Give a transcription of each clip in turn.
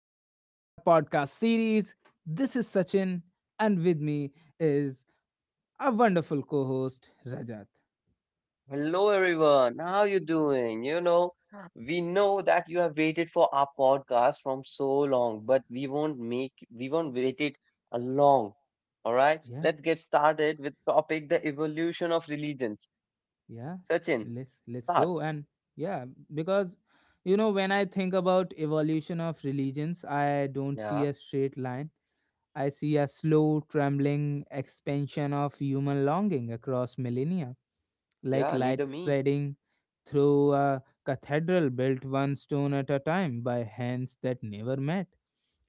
back to our podcast series. This is Sachin, and with me is our wonderful co-host Rajat. Hello everyone, how you doing? We know that you have waited for our podcast from so long, but we won't wait it a long. All right, Yeah, let's get started with topic the evolution of religions. yeah. Sachin, Let's start. go and yeah, because when I think about evolution of religions, I don't see Yeah, a straight line. I see a slow, trembling expansion of human longing across millennia, like yeah, neither light me. spreading through a cathedral built one stone at a time by hands that never met.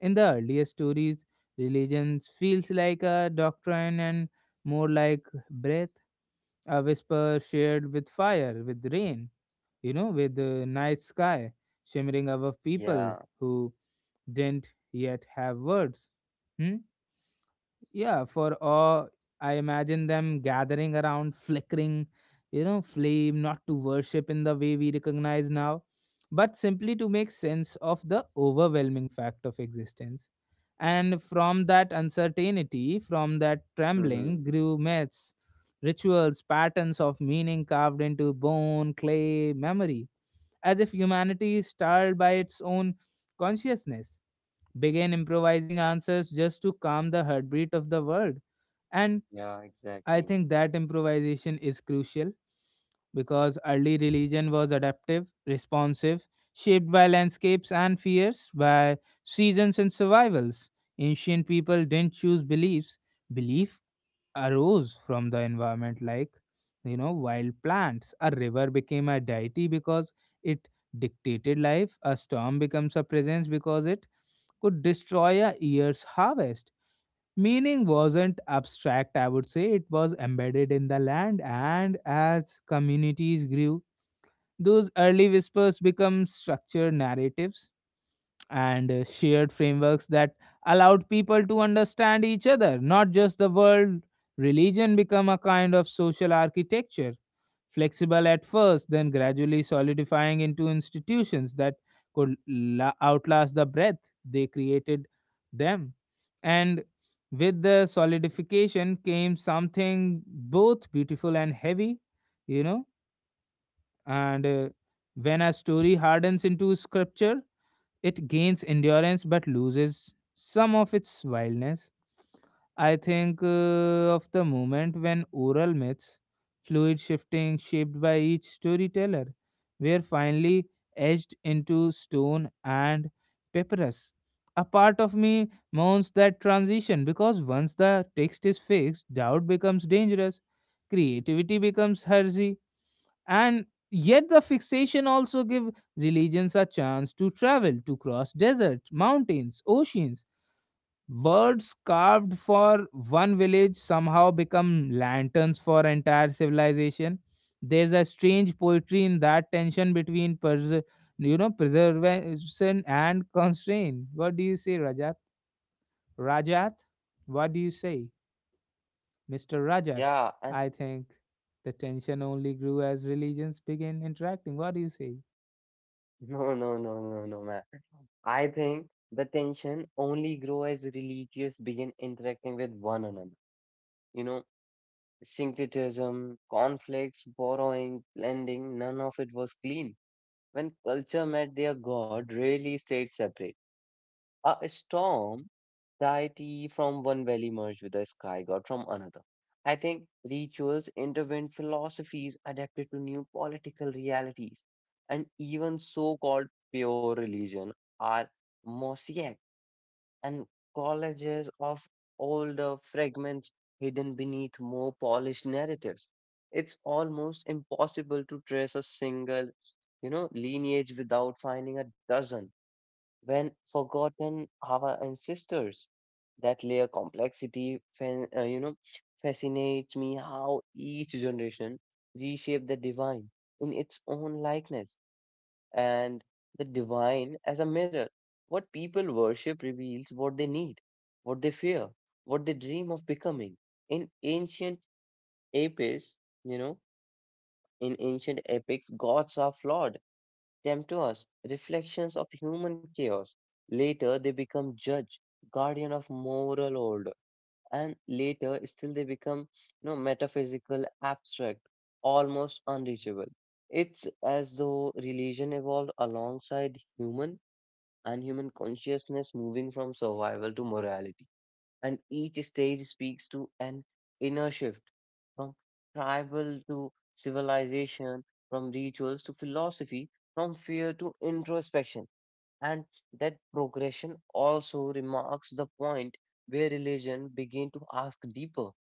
In the earlier stories, religions feels like a doctrine and more like breath, a whisper shared with fire, with rain, with the night sky shimmering above people Yeah, who didn't yet have words. Hmm? Yeah, for awe, I imagine them gathering around, flickering, flame, not to worship in the way we recognize now, but simply to make sense of the overwhelming fact of existence. And from that uncertainty, from that trembling, hmm grew myths, rituals, patterns of meaning carved into bone, clay, memory, as if humanity is starred by its own consciousness began improvising answers just to calm the heartbeat of the world. And yeah, I exactly. think that improvisation is crucial because early religion was adaptive, responsive, shaped by landscapes and fears, by seasons and survivals. Ancient people didn't choose beliefs, belief arose from the environment, like, wild plants. A river became a deity because it dictated life, a storm becomes a presence because it could destroy a year's harvest. Meaning wasn't abstract, I would say, it was embedded in the land, and as communities grew, those early whispers become structured narratives and shared frameworks that allowed people to understand each other, not just the world. Religion become a kind of social architecture, flexible at first, then gradually solidifying into institutions that could outlast the breath they created them. And with the solidification came something both beautiful and heavy, you know, and when a story hardens into scripture it gains endurance but loses some of its wildness. I think of the moment when oral myths, fluid shifting shaped by each storyteller, were finally etched into stone and papyrus. A part of me mourns that transition because once the text is fixed, doubt becomes dangerous, creativity becomes hazy, and yet the fixation also give religions a chance to travel, to cross deserts, mountains, oceans. Words carved for one village somehow become lanterns for entire civilization. There's a strange poetry in that tension between preservation and constraint. What do you say, Rajat? Rajat, what do you say? Mr. Rajat, Yeah, and I think the tension only grew as religions began interacting. What do you say? no, no, no, no, no, man. I think the tension only grow as religious begin interacting with one another. You know syncretism, conflicts, borrowing, blending, none of it was clean. When culture met their god, rarely stayed separate. A storm deity from one valley merged with a sky god from another. I think rituals intervened philosophies adapted to new political realities, and even so called pure religion are mosaic and collages of older fragments hidden beneath more polished narratives. It's almost impossible to trace a single, lineage without finding a dozen when forgotten our ancestors. That layer complexity, fascinates me how each generation reshaped the divine in its own likeness and the divine as a mirror. What people worship reveals what they need, what they fear, what they dream of becoming. In ancient epics, you know, in ancient epics, gods are flawed, temptuous, reflections of human chaos. Later, they become judge, guardian of moral order, and later, still they become, metaphysical, abstract, almost unreachable. It's as though religion evolved alongside human and human consciousness moving from survival to morality. And each stage speaks to an inner shift from tribal to civilization, from rituals to philosophy, from fear to introspection. And that progression also remarks the point where religion began to ask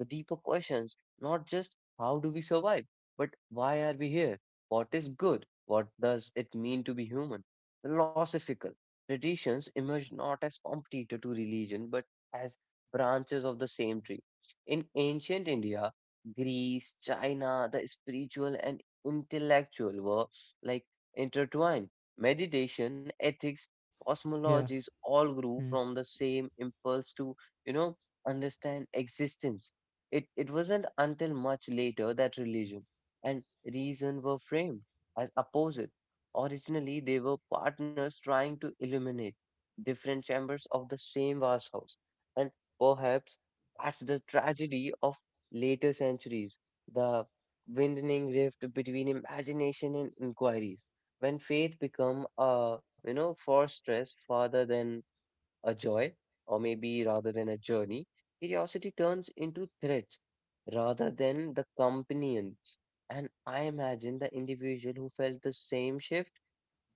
the deeper questions, not just how do we survive, but why are we here? What is good? What does it mean to be human? Philosophical traditions emerged not as competitor to religion, but as branches of the same tree. In ancient India, Greece, China, the spiritual and intellectual were like intertwined. Meditation, ethics, Yeah. cosmologies all grew Hmm. from the same impulse to, you know, understand existence. It wasn't until much later that religion and reason were framed as opposite. Originally, they were partners trying to illuminate different chambers of the same vast house. And perhaps that's the tragedy of later centuries, the widening rift between imagination and inquiries. When faith become a for stress rather than a joy, or maybe rather than a journey, curiosity turns into threats rather than the companions. And I imagine the individual who felt the same shift,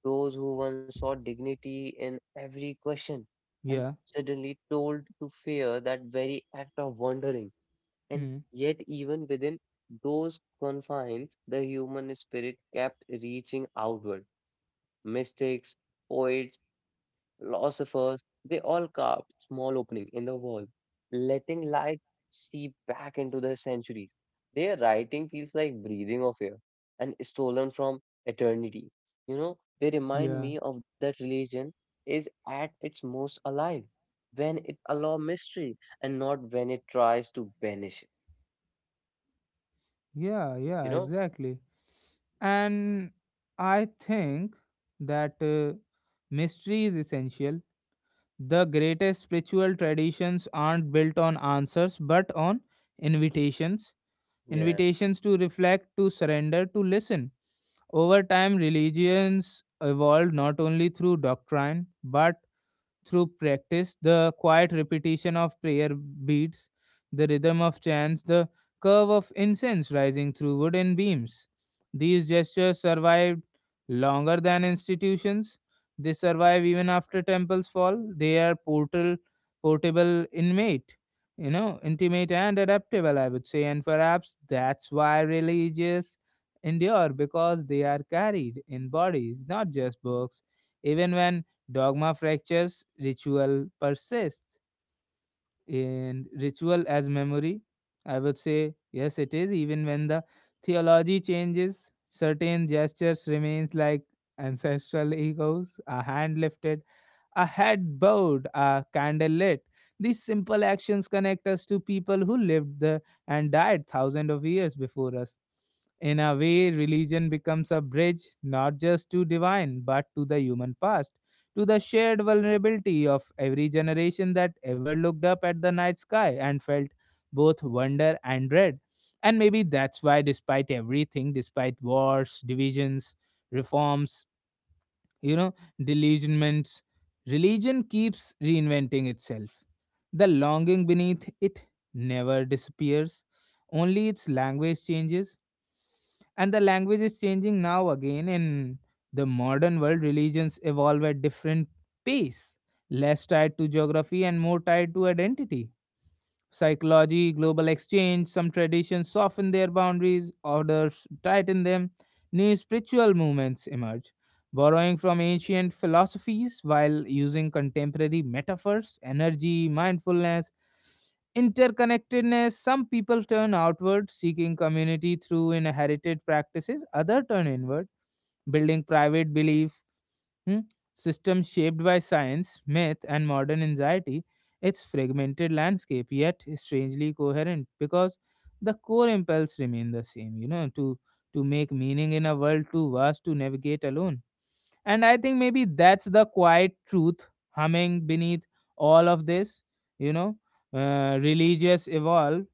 those who once saw dignity in every question, and Yeah. suddenly told to fear that very act of wondering and Hmm. yet, even within those confines, the human spirit kept reaching outward. Mystics, poets, philosophers, they all carved small opening in the wall, letting light seep back into the centuries. Their writing feels like breathing of air and stolen from eternity. You know, they remind Yeah. me of that religion is at its most alive when it allows mystery and not when it tries to banish it. Yeah. Yeah. You know? Exactly. And I think that mystery is essential. The greatest spiritual traditions aren't built on answers, but on invitations. Yeah, Invitations to reflect, to surrender, to listen. Over time, religions evolved not only through doctrine, but through practice, the quiet repetition of prayer beads, the rhythm of chants, the curve of incense rising through wooden beams. These gestures survived longer than institutions. They survive even after temples fall. They are portal, portable inmate, intimate and adaptable, I would say. And perhaps that's why religious endure because they are carried in bodies, not just books. Even when dogma fractures, ritual persists. And ritual as memory, I would say, yes, it is. Even when the theology changes, certain gestures remains like ancestral echoes, a hand lifted, a head bowed, a candle lit. These simple actions connect us to people who lived the, and died thousands of years before us. In a way, religion becomes a bridge not just to divine but to the human past, to the shared vulnerability of every generation that ever looked up at the night sky and felt both wonder and dread. And maybe that's why, despite everything, despite wars, divisions, reforms, you know delusionments, religion keeps reinventing itself. The longing beneath it never disappears, only its language changes. And the language is changing now again. In the modern world, religions evolve at different pace, less tied to geography and more tied to identity, psychology, global exchange. Some traditions soften their boundaries, others tighten them. New spiritual movements emerge, borrowing from ancient philosophies while using contemporary metaphors, energy, mindfulness, interconnectedness. Some people turn outward, seeking community through inherited practices, others turn inward, building private belief hmm, system shaped by science, myth, and modern anxiety. Its fragmented landscape, yet strangely coherent, because the core impulse remain the same, to make meaning in a world too vast to navigate alone. And I think maybe that's the quiet truth humming beneath all of this, you know. Religious evolve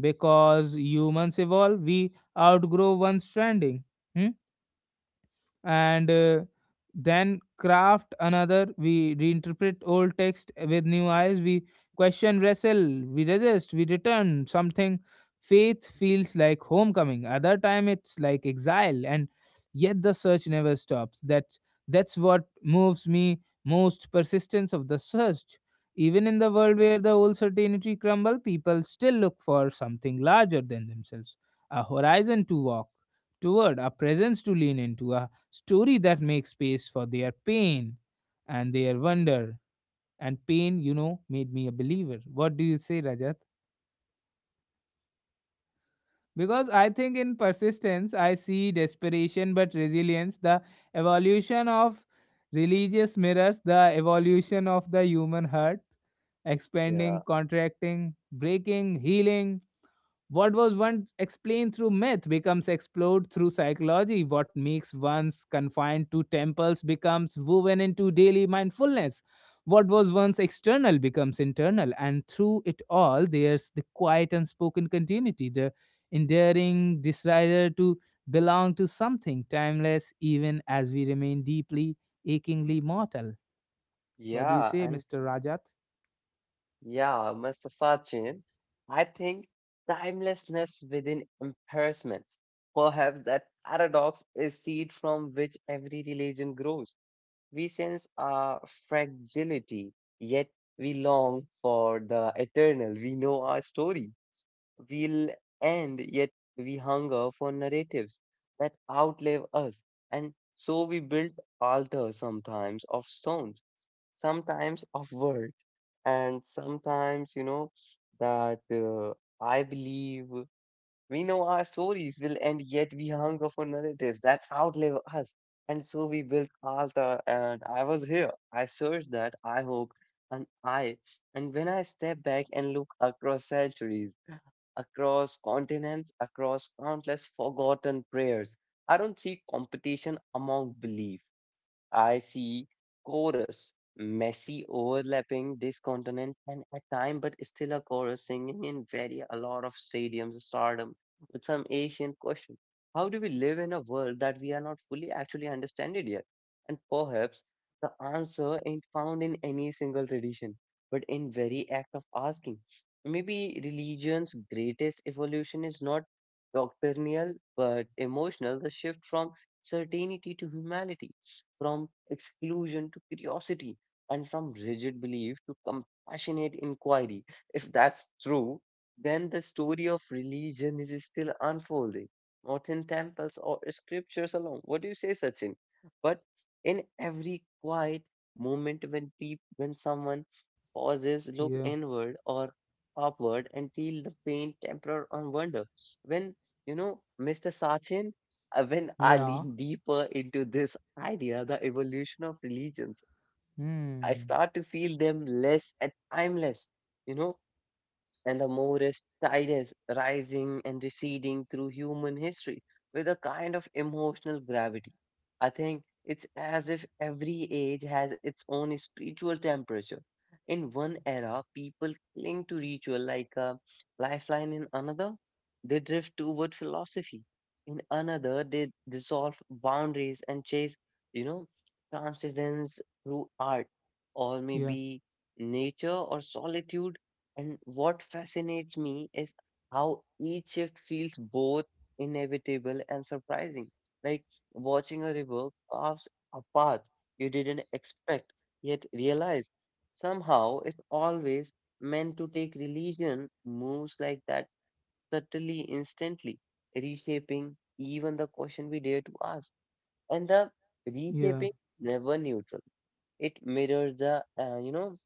because humans evolve, we outgrow one stranding. Hmm? And then craft another. We reinterpret old text with new eyes, we question, wrestle, we resist, we return. Something faith feels like homecoming, other time it's like exile. And yet the search never stops. That's what moves me most, persistence of the search. Even in the world where the old certainty crumble, people still look for something larger than themselves, a horizon to walk toward, a presence to lean into, a story that makes space for their pain and their wonder. And pain, made me a believer. What do you say, Rajat? Because I think in persistence, I see desperation but resilience. The evolution of religious mirrors, the evolution of the human heart, expanding, yeah, contracting, breaking, healing. What was once explained through myth becomes explored through psychology. What makes once confined to temples becomes woven into daily mindfulness. What was once external becomes internal. And through it all, there's the quiet unspoken continuity, the enduring desire to belong to something timeless, even as we remain deeply, achingly mortal. What do you yeah, say, and Mr. Rajat? yeah, Mr. Sachin, I think timelessness within embarrassments. Perhaps that paradox is seed from which every religion grows. We sense our fragility, yet we long for the eternal. We know our story. Will end, yet we hunger for narratives that outlive us. And so we build altars sometimes of stones sometimes of words, and sometimes you know that I believe we know our stories will end yet we hunger for narratives that outlive us and so we built alta and I was here I searched that I hope and i and when I step back and look across centuries across continents across countless forgotten prayers I don't see competition among belief. I see chorus, messy, overlapping, discontinent, and at time, but still a chorus singing in very a lot of stadiums, stardom, with some ancient question. How do we live in a world that we are not fully actually understanding yet? And perhaps the answer ain't found in any single tradition, but in very act of asking. Maybe religion's greatest evolution is not doctrinal but emotional, the shift from certainty to humanity from exclusion to curiosity, and from rigid belief to compassionate inquiry. If that's true, then the story of religion is still unfolding, not in temples or scriptures alone. What do you say, Sachin? But in every quiet moment when someone pauses, look Yeah. inward or upward and feel the faint temper and wonder. When Mr. Sachin, when I Yeah. lean deeper into this idea, the evolution of religions. I Hmm. start to feel them less and timeless. You know, and the Morris tide is rising and receding through human history with a kind of emotional gravity. I think it's as if every age has its own spiritual temperature. In one era, people cling to ritual like a lifeline, in another, they drift toward philosophy. In another, they dissolve boundaries and chase, you know, transcendence through art or Yeah. maybe nature or solitude and what fascinates me is how each shift feels both inevitable and surprising. Like watching a river carves a path you didn't expect, yet realize somehow it always meant to take religion moves like that subtly, instantly, reshaping even the question we dare to ask and the Yeah. reshaping never neutral. It mirrors the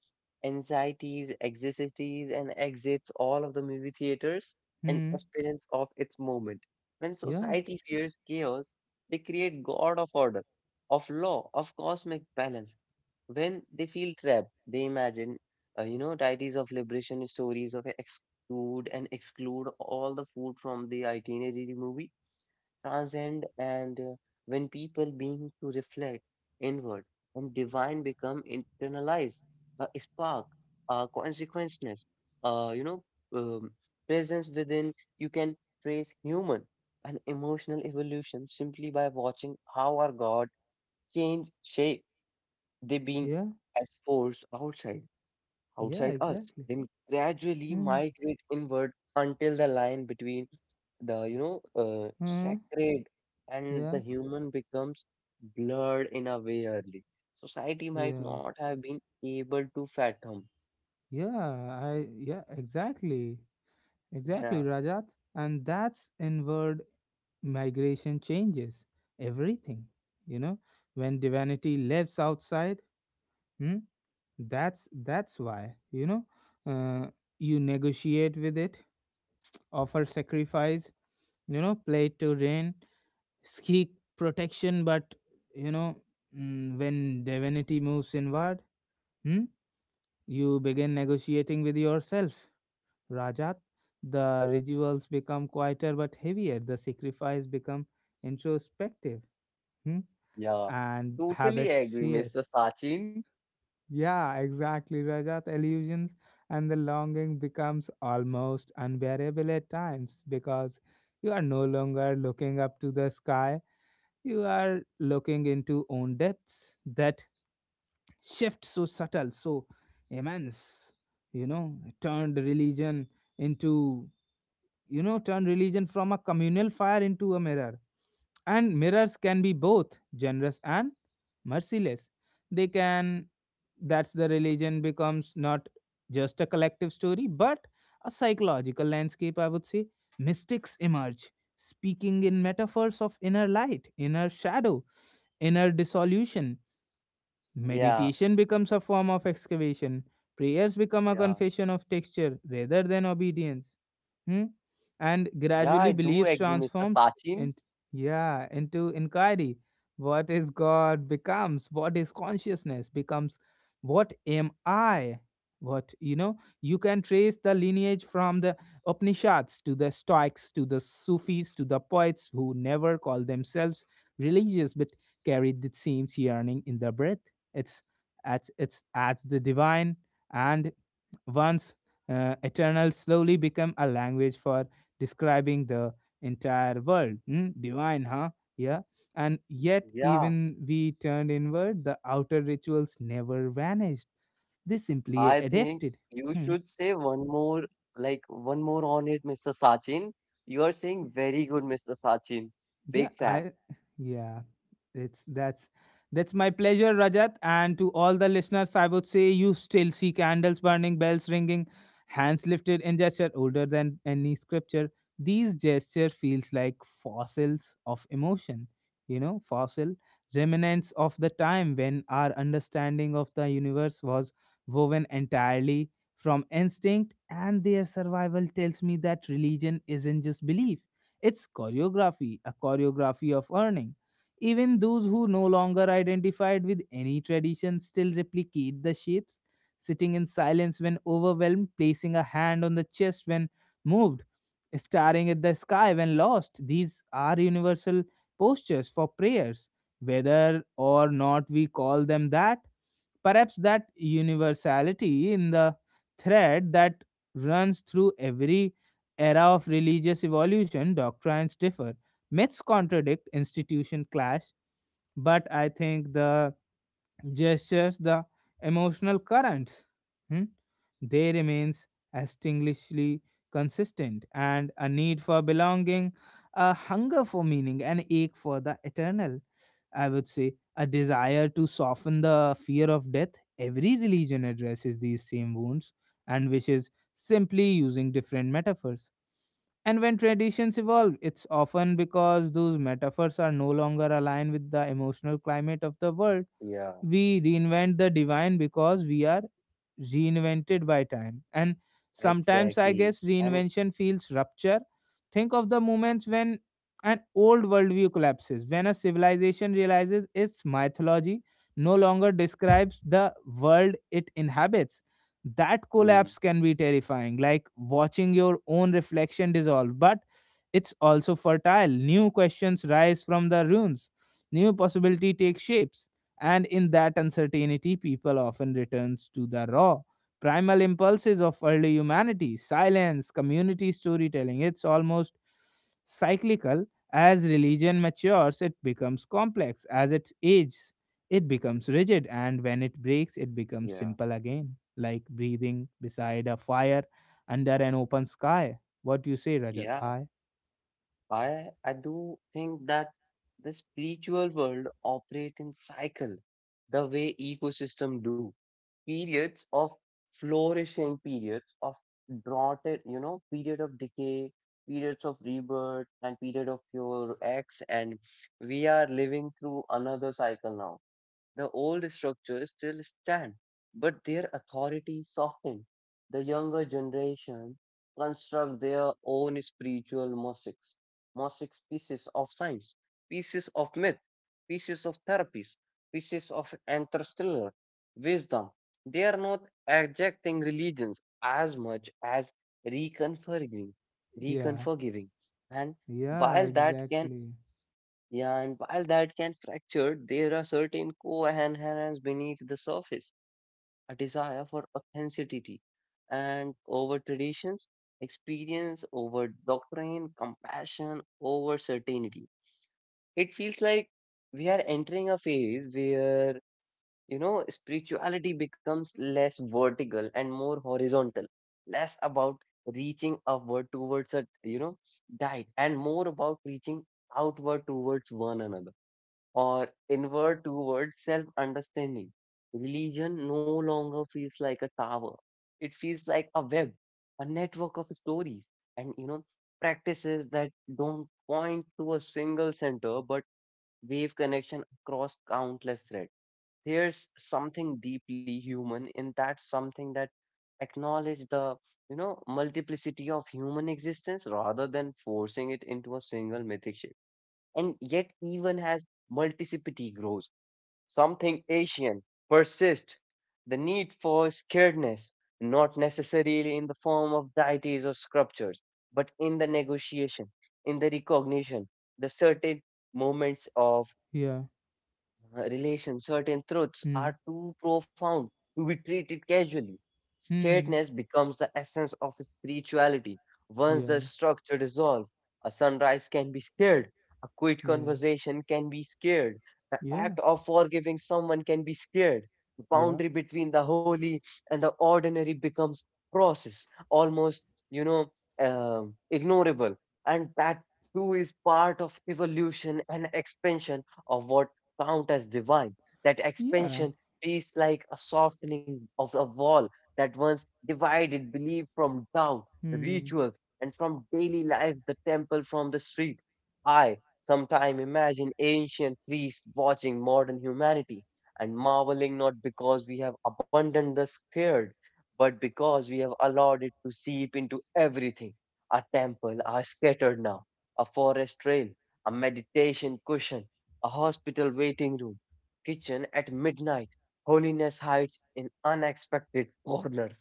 anxieties, and exits all of the movie theaters and Hmm. experience of its moment. When Yeah. society fears chaos, they create god of order, of law, of cosmic balance. When they feel trapped, they imagine, deities of liberation, stories of exclude and exclude all the food from the itinerary movie transcend and when people begin to reflect inward and divine become internalized a spark a consequenceness uh, you know um, presence within you can trace human and emotional evolution simply by watching how our god change shape they being Yeah, as force yeah, outside us exactly. then gradually migrate inward until the line between the Mm-hmm. sacred and Yeah, the human becomes blurred in a way early society might yeah, not have been able to fathom. yeah. I yeah, exactly, Yeah, exactly, Rajat. And that's inward migration changes everything. You know, when divinity lives outside, hmm, that's why uh, you negotiate with it, offer sacrifice. You know, play to rain, seek protection, but you know when divinity moves inward. hmm, You begin negotiating with yourself, Rajat. The rituals become quieter but heavier. The sacrifice become introspective, hmm? yeah, and totally habits agree fears. Mr. Sachin. Yeah, exactly, Rajat. Illusions and the longing becomes almost unbearable at times because you are no longer looking up to the sky. You are looking into own depths. That shift so subtle, so immense, you know, turned religion into, turned religion from a communal fire into a mirror. And mirrors can be both generous and merciless. They can, that's the religion becomes not just a collective story, but a psychological landscape, I would say. Mystics emerge, speaking in metaphors of inner light, inner shadow, inner dissolution. Yeah, Meditation becomes a form of excavation. Prayers become a yeah, confession of texture rather than obedience. Hmm? And yeah, gradually I do beliefs agree Mr. transforms Sachin. into, yeah, into inquiry. What is God becomes, what is consciousness becomes, what am I? You can trace the lineage from the Upanishads to the Stoics to the Sufis to the poets who never called themselves religious but carried the same yearning in their breath. It's it's as the divine and once eternal slowly become a language for describing the entire world. Hmm, divine, huh? Yeah. And yet, Yeah, even we turned inward, the outer rituals never vanished. They I simply think adapted. you should Hmm. say one more like one more on it Mr. Sachin, you are saying very good Mr. Sachin, Yeah, big fan. I yeah. It's that's my pleasure, Rajat. And to all the listeners, I would say you still see candles burning, bells ringing, hands lifted in gesture older than any scripture. These gesture feels like fossils of emotion, fossil remnants of the time when our understanding of the universe was woven entirely from instinct. And their survival tells me that religion isn't just belief, it's choreography, a choreography of earning. Even those who no longer identified with any tradition still replicate the shapes, sitting in silence when overwhelmed, placing a hand on the chest when moved, staring at the sky when lost. These are universal postures for prayers, whether or not we call them that. Perhaps that universality in the thread that runs through every era of religious evolution, doctrines differ, myths contradict, institution clash, but I think the gestures, the emotional currents, hmm, they remains extinguishingly consistent, and a need for belonging, a hunger for meaning, an ache for the eternal. I would say a desire to soften the fear of death. Every religion addresses these same wounds and wishes simply using different metaphors. And when traditions evolve, it's often because those metaphors are no longer aligned with the emotional climate of the world. Yeah, We reinvent the divine because we are reinvented by time. And sometimes I exactly, guess and reinvention feels rupture. Think of the moments when an old worldview collapses, when a civilization realizes its mythology no longer describes the world it inhabits. That mm. collapse can be terrifying, like watching your own reflection dissolve, but it's also fertile. New questions rise from the ruins, new possibility take shapes, and in that uncertainty people often returns to the raw primal impulses of early humanity: silence, community, storytelling. It's almost cyclical. As religion matures, it becomes complex; as it ages, it becomes rigid; and when it breaks, it becomes Yeah, simple again, like breathing beside a fire under an open sky. What do you say, Rajat yeah. bhai? I do think that the spiritual world operate in cycle, the way ecosystem do. Periods of flourishing, periods of drought, you know, period of decay, periods of rebirth, and period of your ex. And we are living through another cycle now. The old structures still stand, but their authority softened. The younger generation construct their own spiritual mosaics, mosaics pieces of science, pieces of myth, pieces of therapies, pieces of interstellar wisdom. They are not ejecting religions as much as reconfiguring, Yeah, reconfiguring. And yeah, while that can exactly. Yeah, and while that can fracture, there are certain coherence beneath the surface, a desire for authenticity and over traditions, experience over doctrine, compassion over certainty. It feels like we are entering a phase where, spirituality becomes less vertical and more horizontal, less about reaching upward towards a, guide and more about reaching outward towards one another or inward towards self understanding. Religion no longer feels like a tower, it feels like a web, a network of stories and practices that don't point to a single center but wave connection across countless threads. There's something deeply human in that, something that acknowledge the multiplicity of human existence rather than forcing it into a single mythic and yet even as multiplicity grows, something Asian persists the need for scaredness, not necessarily in the form of deities or sculptures, but in the negotiation, in the recognition, the certain moments of Yeah. relation, certain truths Hmm. are too profound to be treated casually. Hmm. Scaredness becomes the essence of spirituality. Once the Yeah. structure dissolves, a sunrise can be scared, a quiet Yeah. conversation can be scared, the Yeah, act of forgiving someone can be scared. The yeah, boundary between the holy and the ordinary becomes process, almost, you know, ignorable. And that too is part of evolution and expansion of what count as divine. That yeah. expansion is like a softening of a wall that once divided belief from doubt, Hmm, rituals, and from daily life, the temple from the street. I sometime imagine ancient priests watching modern humanity and marveling not because we have abandoned the scared, but because we have allowed it to seep into everything. Our temple are scattered now, a forest trail, a meditation cushion, a hospital waiting room, kitchen at midnight. Holiness hides in unexpected corners,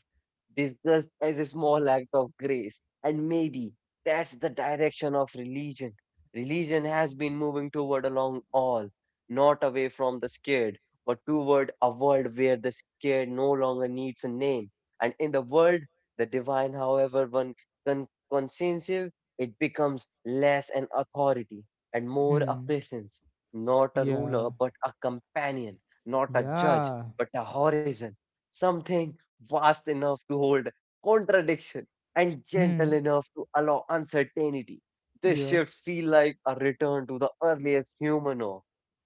disguised as a small act of grace. And maybe that's the direction of religion. Religion has been moving toward along all, not away from the scared, but toward a world where the scared no longer needs a name. And in the world, the divine, however one conscientious, it becomes less an authority and more a hmm. presence, not a ruler, Yeah, but a companion, not a judge, yeah. but a horizon, something vast enough to hold contradiction and gentle Hmm, enough to allow uncertainty. This yeah, shift feels like a return to the earliest human awe,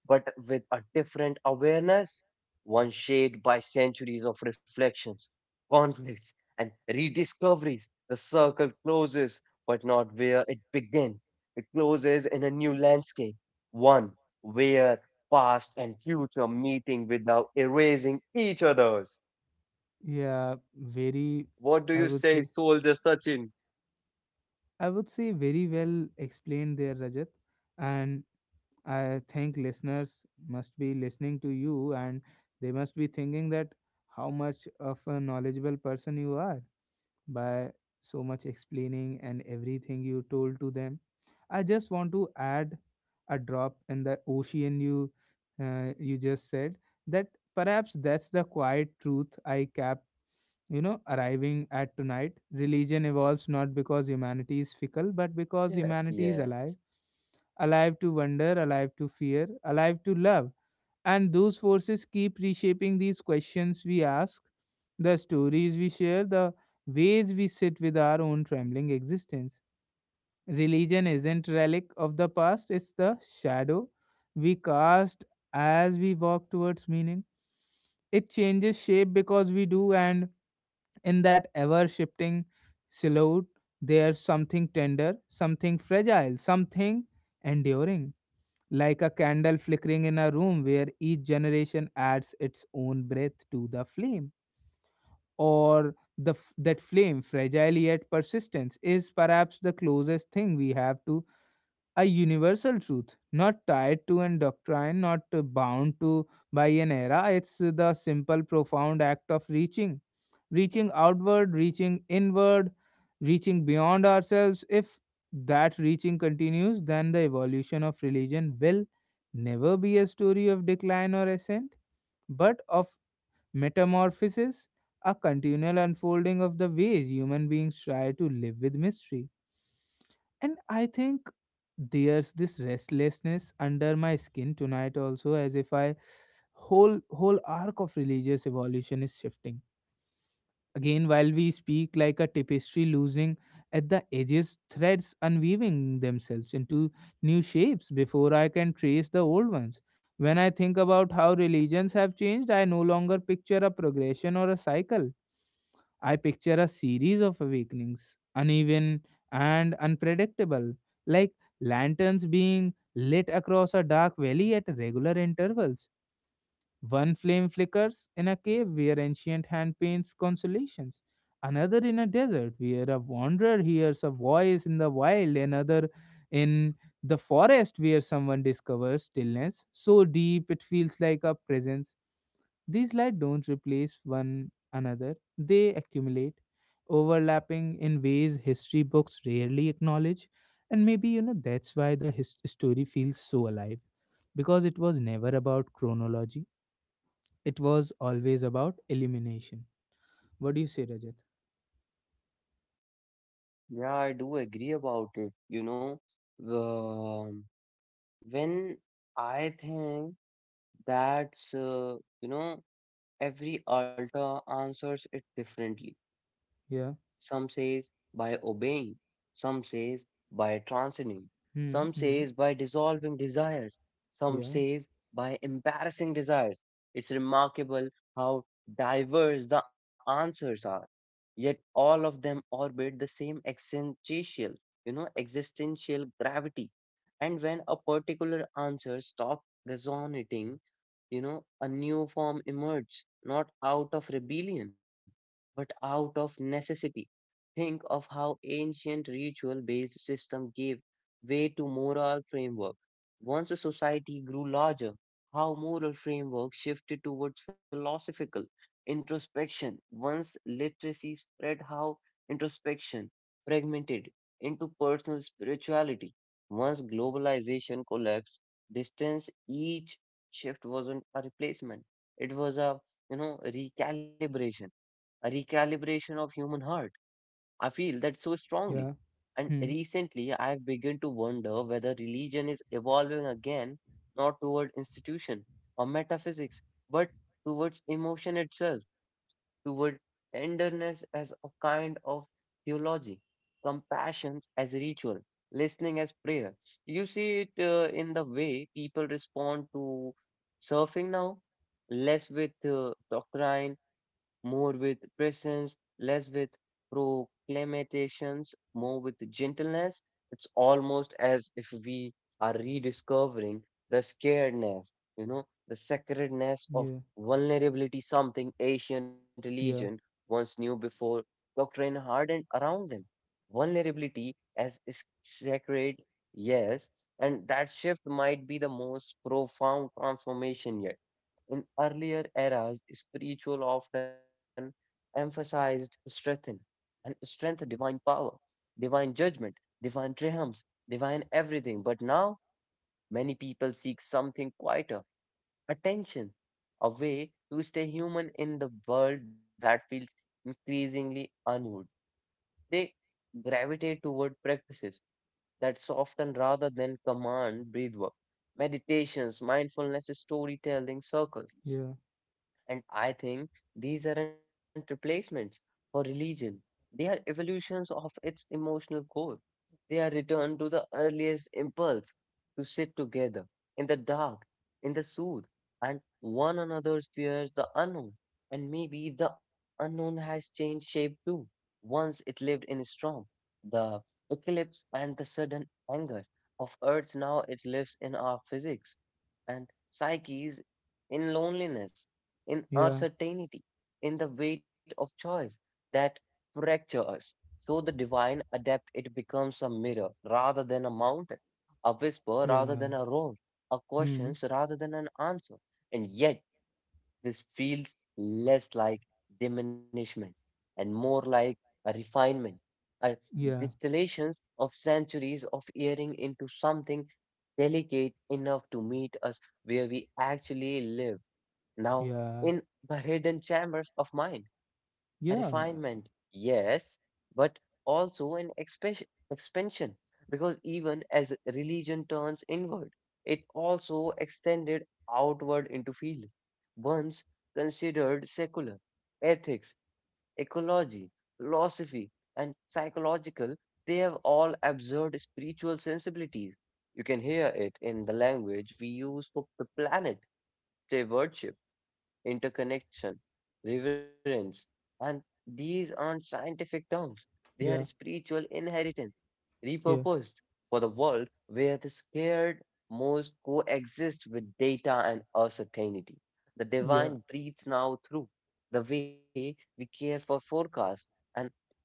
but with a different awareness, one shaped by centuries of reflections, conflicts, and rediscoveries. The circle closes, but not where it began. It closes in a new landscape, one where past and future meeting without erasing each other's. yeah. Very. What do you I would say, say, Soldier Sachin? I would say very well explained there, Rajat. And I think listeners must be listening to you, and they must be thinking that how much of a knowledgeable person you are by so much explaining and everything you told to them. I just want to add a drop in the ocean. You just said that perhaps that's the quiet truth I kept arriving at tonight. Religion evolves not because humanity is fickle, but because Yeah, humanity is alive, yes. alive to wonder, alive to fear, alive to love. And those forces keep reshaping these questions we ask, the stories we share, the ways we sit with our own trembling existence. Religion isn't relic of the past; it's the shadow we cast as we walk towards meaning. It changes shape because we do, and in that ever shifting silhouette, there's something tender, something fragile, something enduring, like a candle flickering in a room where each generation adds its own breath to the flame. Or that flame, fragile yet persistence, is perhaps the closest thing we have to a universal truth, not tied to an doctrine, not bound to by an era. It's the simple, profound act of reaching, reaching outward, reaching inward, reaching beyond ourselves. If that reaching continues, then the evolution of religion will never be a story of decline or ascent, but of metamorphosis, a continual unfolding of the ways human beings try to live with mystery. And I think there's this restlessness under my skin tonight also, as if I whole arc of religious evolution is shifting again while we speak, like a tapestry losing at the edges, threads unweaving themselves into new shapes before I can trace the old ones. When I think about how religions have changed, I no longer picture a progression or a cycle. I picture a series of awakenings, uneven and unpredictable, like lanterns being lit across a dark valley at regular intervals. One flame flickers in a cave where ancient hand paints consolations, another in a desert where a wanderer hears a voice in the wild, another in the forest where someone discovers stillness so deep it feels like a presence. These light don't replace one another; they accumulate, overlapping in ways history books rarely acknowledge. And maybe, you know, that's why the story feels so alive, because it was never about chronology, it was always about elimination. What do you say, Rajat? Yeah, I do agree about it. You know, um, when I think that's, you know, every altar answers it differently. Yeah. Some says by obeying, some says by transcending, Hmm. some Hmm. says by dissolving desires, some Yeah. says by embarrassing desires. It's remarkable how diverse the answers are, yet all of them orbit the same existential, you know, existential gravity. And when a particular answer stops resonating, you know, a new form emerges, not out of rebellion, but out of necessity. Think of how ancient ritual based system gave way to moral framework. Once a society grew larger, how moral framework shifted towards philosophical introspection. Once literacy spread, how introspection fragmented into personal spirituality. Once globalization collapsed, distance each shift wasn't a replacement. It was a, you know, recalibration, a recalibration of human heart. I feel that so Yeah. strongly. And Hmm. recently, I've begun to wonder whether religion is evolving again, not toward institution or metaphysics, but towards emotion itself, toward tenderness as a kind of theology, compassion as ritual, listening as prayer. You see it, in the way people respond to surfing now, less with doctrine, more with presence, less with proclamations, more with gentleness. It's almost as if we are rediscovering the scaredness, you know, the sacredness of Yeah. vulnerability, something ancient religion Yeah. once knew before doctrine hardened around them. Vulnerability as is sacred, yes, and that shift might be the most profound transformation yet. In earlier eras, spiritual often emphasized strength, and strength, divine power, divine judgment, divine triumphs, divine everything. But now many people seek something quieter, attention, a way to stay human in the world that feels increasingly unmoved. They gravitate toward practices that soften rather than command breathwork, meditations, mindfulness, storytelling circles. Yeah. And I think these aren't replacements for religion. They are evolutions of its emotional core. They are returned to the earliest impulse to sit together in the dark, in the soothe, and one another's fears the unknown. And maybe the unknown has changed shape too. Once it lived in storm, the eclipse and the sudden anger of Earth. Now it lives in our physics and psyches, in loneliness, in Yeah. uncertainty, in the weight of choice that fracture us. So the divine adept, it becomes a mirror rather than a mountain, a whisper rather Yeah. than a roar, a Hmm. question rather than an answer. And yet this feels less like diminishment and more like a refinement, a Yeah. distillations of centuries of earing into something delicate enough to meet us where we actually live now, Yeah. in the hidden chambers of mind, a refinement, Yeah. yes, but also an expansion, expansion, because even as religion turns inward, it also extended outward into fields once considered secular. Ethics, ecology, philosophy, and psychological, they have all absorbed spiritual sensibilities. You can hear it in the language we use for the planet, say worship, interconnection, reverence. And these aren't scientific terms, they are Yeah. spiritual inheritance, Yeah. repurposed for the world where the scared most coexist with data and uncertainty. The Yeah. divine breathes now through the way we care for forecasts and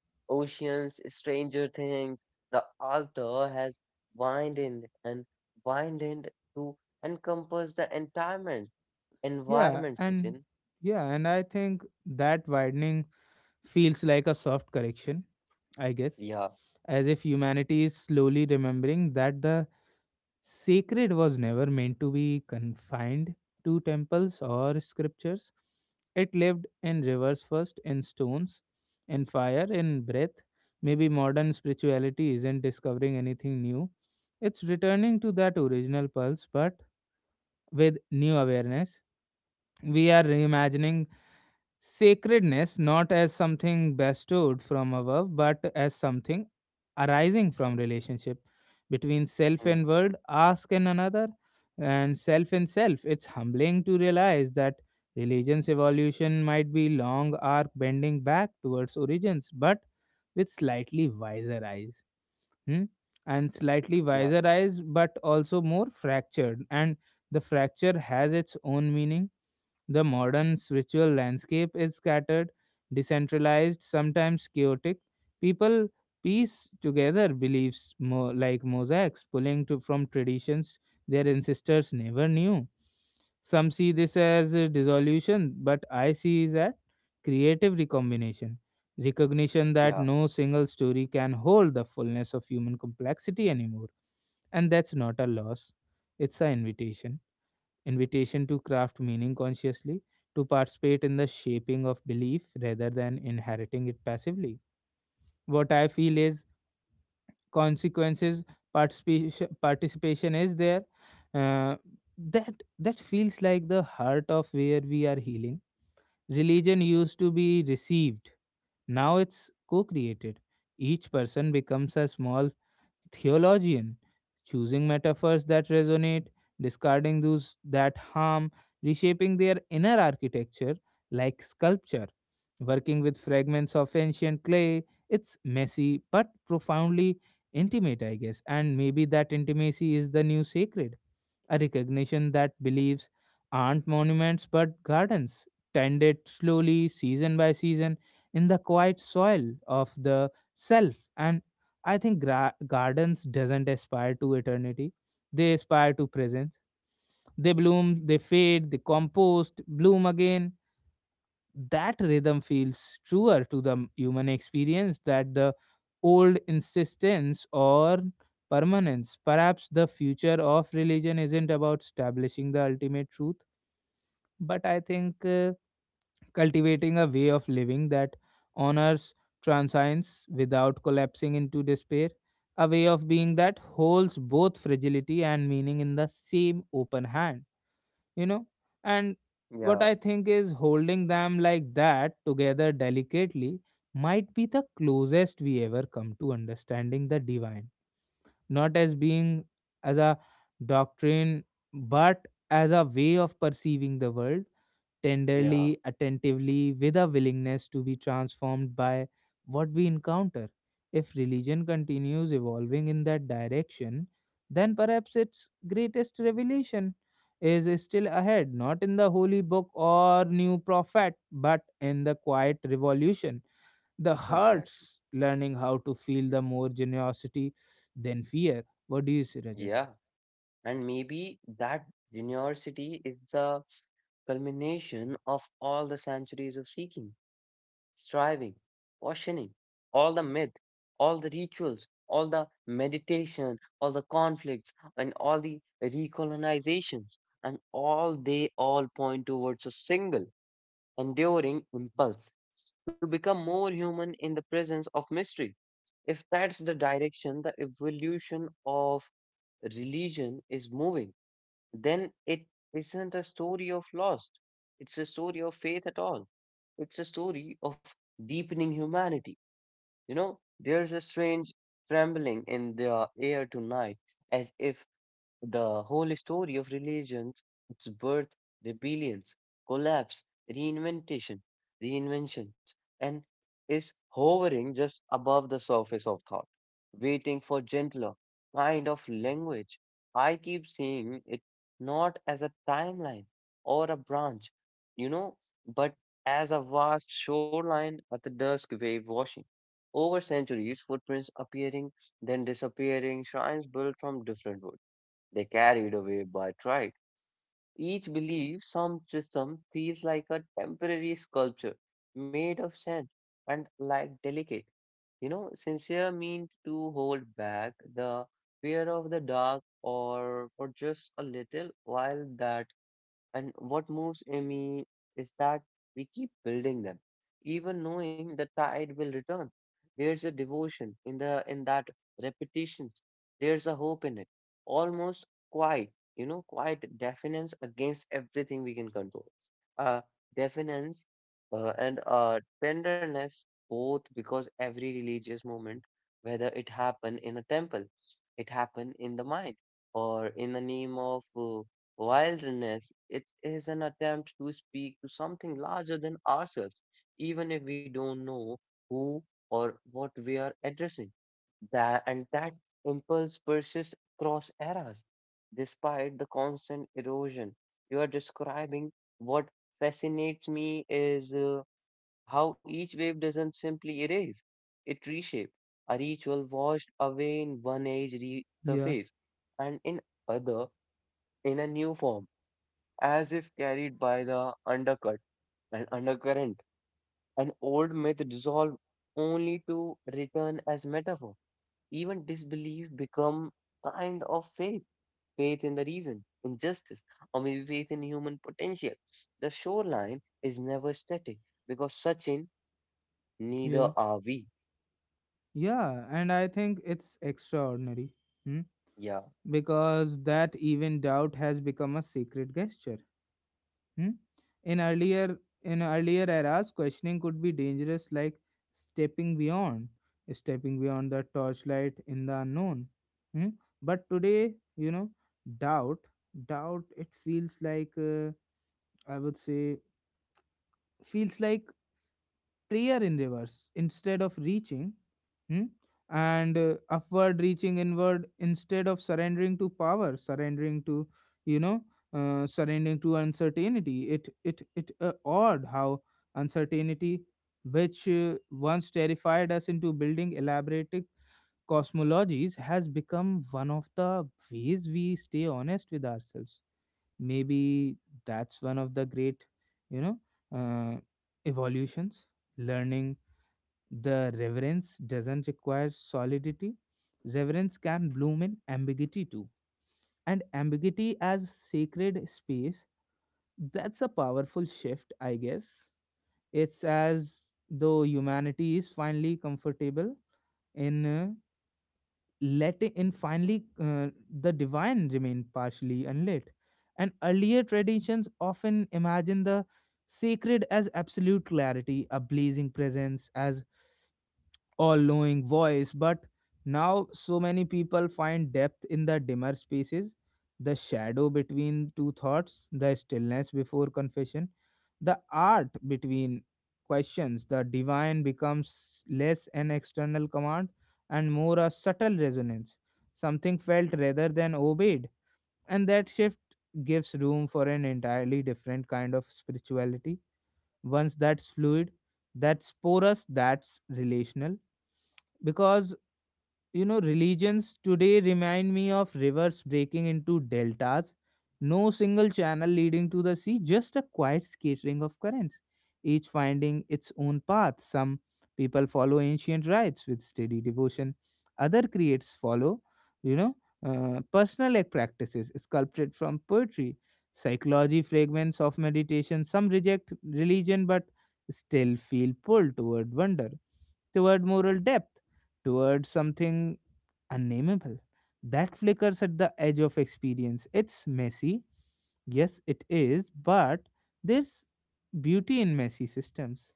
oceans, stranger things. The altar has widened and widened to encompass the entire Yeah, environment, and Sachin. yeah, and I think that widening feels like a soft correction, I guess, Yeah, as if humanity is slowly remembering that the sacred was never meant to be confined to temples or scriptures. It lived in rivers first, in stones, in fire, in breath. Maybe modern spirituality isn't discovering anything new. It's returning to that original pulse, but with new awareness. We are reimagining sacredness not as something bestowed from above, but as something arising from relationship between self mm, and world, ask and another, and self and self. It's humbling to realize that religion's evolution might be long arc bending back towards origins, but with slightly wiser eyes. Hmm. And slightly yeah, wiser eyes, but also more fractured. And the fracture has its own meaning. The modern spiritual landscape is scattered, decentralized, sometimes chaotic. People piece together beliefs more like mosaics, pulling from traditions their ancestors never knew. Some see this as a dissolution, but I see is that creative recombination, recognition yeah, that no single story can hold the fullness of human complexity anymore. And that's not a loss; it's an invitation to craft meaning consciously, to participate in the shaping of belief rather than inheriting it passively. What I feel is consequences. Participation is there, uh, that that feels like the heart of where we are healing. Religion used to be received; now it's co-created. Each person becomes a small theologian, choosing metaphors that resonate, discarding those that harm, reshaping their inner architecture like sculpture, working with fragments of ancient clay. It's messy but profoundly intimate, I guess, and maybe that intimacy is the new sacred, a recognition that beliefs aren't monuments but gardens, tended slowly, season by season, in the quiet soil of the self. And I think gardens doesn't aspire to eternity; they aspire to presence. They bloom, they fade, they compost, bloom again. That rhythm feels truer to the human experience that the old insistence or permanence. Perhaps the future of religion isn't about establishing the ultimate truth, but I think cultivating a way of living that honors transience without collapsing into despair, a way of being that holds both fragility and meaning in the same open hand you know and what yeah, I think is holding them like that together delicately might be the closest we ever come to understanding the divine, not as being, as a doctrine, but as a way of perceiving the world yeah, tenderly, attentively, with a willingness to be transformed by what we encounter. If religion continues evolving in that direction, then perhaps its greatest revelation is still ahead, not in the holy book or new prophet, but in the quiet revolution, the exactly. hearts learning how to feel the more generosity than fear. What do you say, Rajat? Yeah, and maybe that university is the culmination of all the centuries of seeking, striving, questioning, all the myth, all the rituals, all the meditation, all the conflicts, and all the recolonizations, and all they all point towards a single, enduring impulse to become more human in the presence of mystery. If that's the direction the evolution of religion is moving, then it isn't a story of loss. It's a story of faith at all. It's a story of deepening humanity. You know, there's a strange trembling in the air tonight, as if the whole story of religions, its birth, rebellions, collapse, reinvention, reinventions, and is hovering just above the surface of thought, waiting for gentler kind of language. I keep seeing it not as a timeline or a branch, you know, but as a vast shoreline at the dusk wave washing. Over centuries, footprints appearing, then disappearing, shrines built from different wood they carried away by pride. Each belief some system feels like a temporary sculpture made of sand and like delicate. You know, sincere means to hold back the fear of the dark or for just a little while that and what moves me is that we keep building them, even knowing the tide will return. There's a devotion in the in that repetition. There's a hope in it, almost quiet, you know, quiet defiance against everything we can control. Uh, defiance, and tenderness, both because every religious moment, whether it happen in a temple, it happen in the mind, or in the name of Wilderness, it is an attempt to speak to something larger than ourselves, even if we don't know who or what we are addressing. That impulse persists across eras, despite the constant erosion. You are describing what fascinates me is how each wave doesn't simply erase; it reshapes. A ritual washed away in one age Yeah, resurface, and in other in a new form as if carried by the undercut and undercurrent. An old myth dissolved only to return as metaphor. Even disbelief become kind of faith, faith in the reason, in justice, or maybe faith in human potential. The shoreline is never static because, Sachin, neither yeah, are we. yeah, and I think it's extraordinary. Hmm. Yeah, Because that even doubt has become a sacred gesture. Hmm. In earlier in earlier eras, questioning could be dangerous, like stepping beyond, stepping beyond the torchlight in the unknown. Hmm. But today, you know, doubt, doubt. It feels like I would say feels like prayer in reverse. Instead of reaching. Hmm. And upward reaching inward, instead of surrendering to power, surrendering to, you know, surrendering to uncertainty. It odd how uncertainty, which once terrified us into building elaborate cosmologies, has become one of the ways we stay honest with ourselves. Maybe that's one of the great you know uh, evolutions, learning the reverence doesn't require solidity. Reverence can bloom in ambiguity too. And ambiguity as sacred space, that's a powerful shift, I guess. It's as though humanity is finally comfortable in letting, in finally the divine remain partially unlit. And earlier traditions often imagine the sacred as absolute clarity, a blazing presence, as all-knowing voice. But now so many people find depth in the dimmer spaces, the shadow between two thoughts, the stillness before confession, the art between questions. The divine becomes less an external command and more a subtle resonance, something felt rather than obeyed. And that shift gives room for an entirely different kind of spirituality, once that's fluid, that's porous, that's relational. Because, religions today remind me of rivers breaking into deltas, no single channel leading to the sea, just a quiet scattering of currents, each finding its own path. Some people follow ancient rites with steady devotion; other creates follow, you know, personal act practices sculpted from poetry, psychology, fragments of meditation. Some reject religion but still feel pulled toward wonder, toward moral depth, toward something unnameable that flickers at the edge of experience. It's messy, yes it is, but there's beauty in messy systems.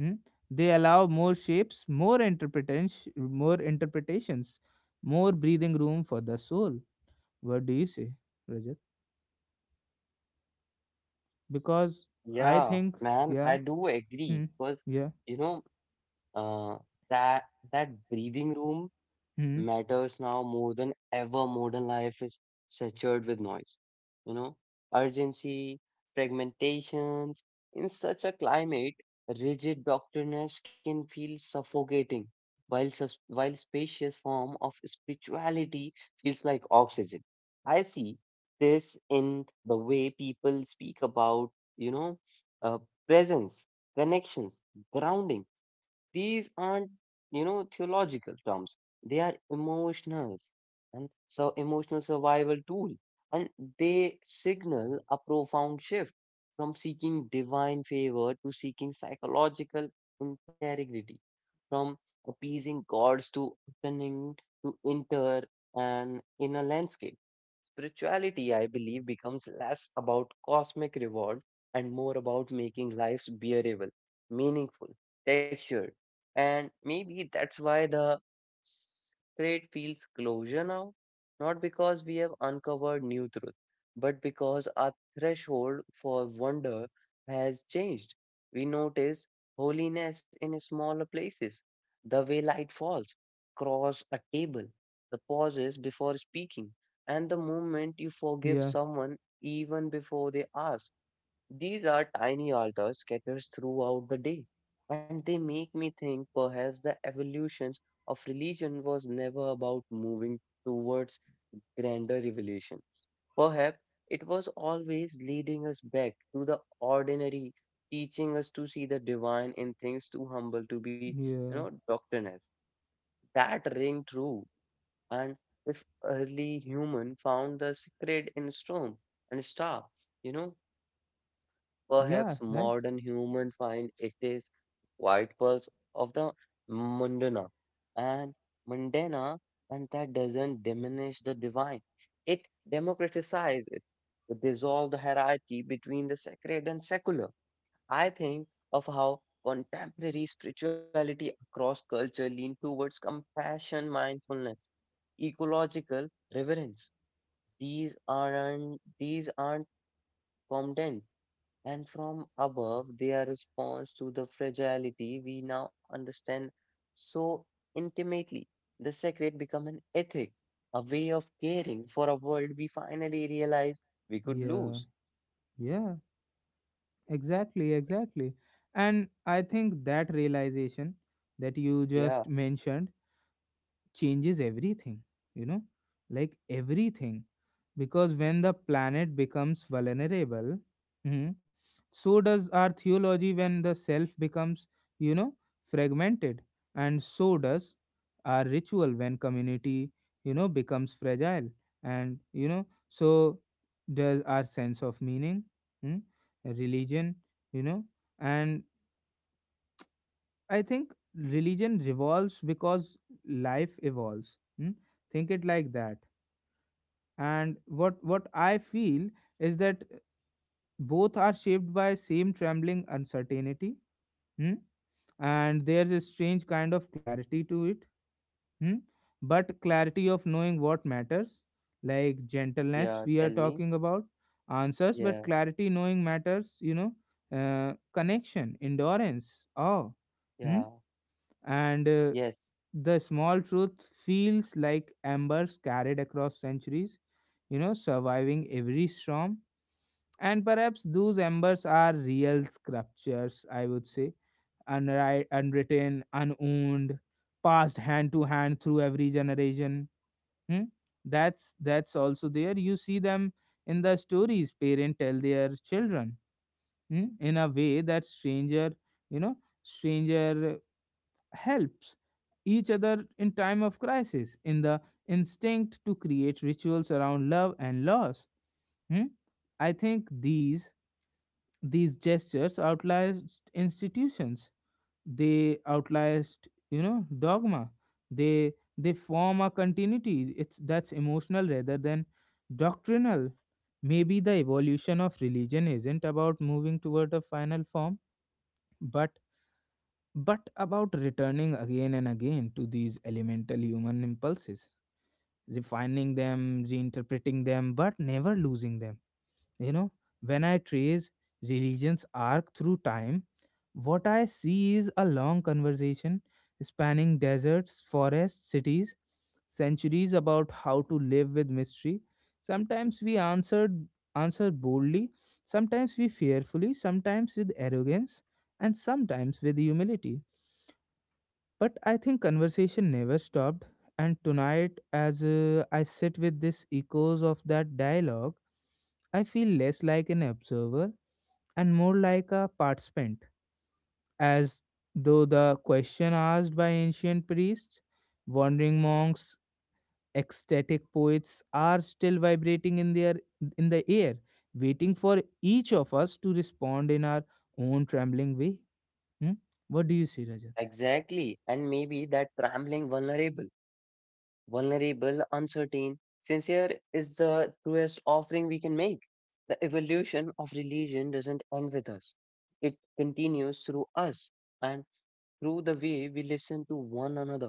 Hmm. They allow more shapes, more interpretations, more breathing room for the soul. What do you say, Rajat? Because I yeah, think, man, yeah, I do hmm, agree because yeah, you know, uh, that that breathing room hmm, matters now more than ever. Modern life is saturated with noise, you know, urgency, fragmentations. In such a climate, rigid doctrines can feel suffocating, while, while spacious form of spirituality feels like oxygen. I see this in the way people speak about, you know, uh, presence, connections, grounding. These aren't, you know, theological terms, they are emotional and so emotional survival tool, and they signal a profound shift from seeking divine favor to seeking psychological integrity, from appeasing gods to turning to enter an inner landscape. Spirituality, I believe, becomes less about cosmic reward and more about making lives bearable, meaningful, textured. And maybe that's why the trade feels closure now, not because we have uncovered new truth, but because our threshold for wonder has changed. We notice holiness in smaller places, the way light falls across a table, the pauses before speaking, and the moment you forgive yeah, someone even before they ask. These are tiny altars scattered throughout the day, and they make me think perhaps the evolutions of religion was never about moving towards grander revelation. Perhaps it was always leading us back to the ordinary, teaching us to see the divine in things too humble to be, you know, yeah, doctrinal. That ring true, and if early human found the secret in storm and star, you know, yeah, perhaps right, modern human find it is white pulse of the Mundana and Mundana, and that doesn't diminish the divine. It democratizes it. It dissolves the hierarchy between the sacred and secular. I think of how contemporary spirituality across culture lean towards compassion, mindfulness, ecological reverence. These aren't condemned, and from above they are response to the fragility we now understand so intimately. The sacred become an ethic, a way of caring for a world we finally realize we could yeah, lose. yeah, exactly, exactly. And I think that realization that you Yeah, just mentioned changes everything, you know, like everything. Because when the planet becomes vulnerable, mhm, so does our theology. When the self becomes, you know, fragmented. And so does our ritual when community, becomes fragile. And, you know, so does our sense of meaning, mm, religion, you know, and I think religion revolves because life evolves. Hmm. Think it like that. And what I feel is that both are shaped by same trembling uncertainty. Hmm. And there's a strange kind of clarity to it. Hmm. But clarity of knowing what matters, like gentleness yeah, we are tell me. talking about, answers, but Yeah, clarity knowing matters. Uh, connection, endurance, awe. Hmm. yeah, And yes, the small truth feels like embers carried across centuries, surviving every storm. And perhaps those embers are real sculptures, I would say, unwritten, unowned, passed hand to hand through every generation. Hmm. That's also there. You see them in the stories parents tell their children. Hmm. In a way that stranger, you know stranger helps each other in time of crisis, in the instinct to create rituals around love and loss. Hmm? I think these gestures outlast institutions. They outlast, dogma. They form a continuity it's that's emotional rather than doctrinal. Maybe the evolution of religion isn't about moving toward a final form, but but about returning again and again to these elemental human impulses, refining them, reinterpreting them, but never losing them. You know, when I trace religion's arc through time, what I see is a long conversation spanning deserts, forests, cities, centuries, about how to live with mystery. Sometimes we answer boldly, sometimes we fearfully, sometimes with arrogance, and sometimes with humility, but I think conversation never stopped. And tonight, as I sit with these echoes of that dialogue, I feel less like an observer and more like a participant, as though the question asked by ancient priests, wandering monks, ecstatic poets are still vibrating in their in the air, waiting for each of us to respond in our own trembling way. Hmm? What do you say, Rajat? exactly. And maybe that trembling vulnerable, uncertain. Sincere is the truest offering we can make. The evolution of religion doesn't end with us, it continues through us and through the way we listen to one another,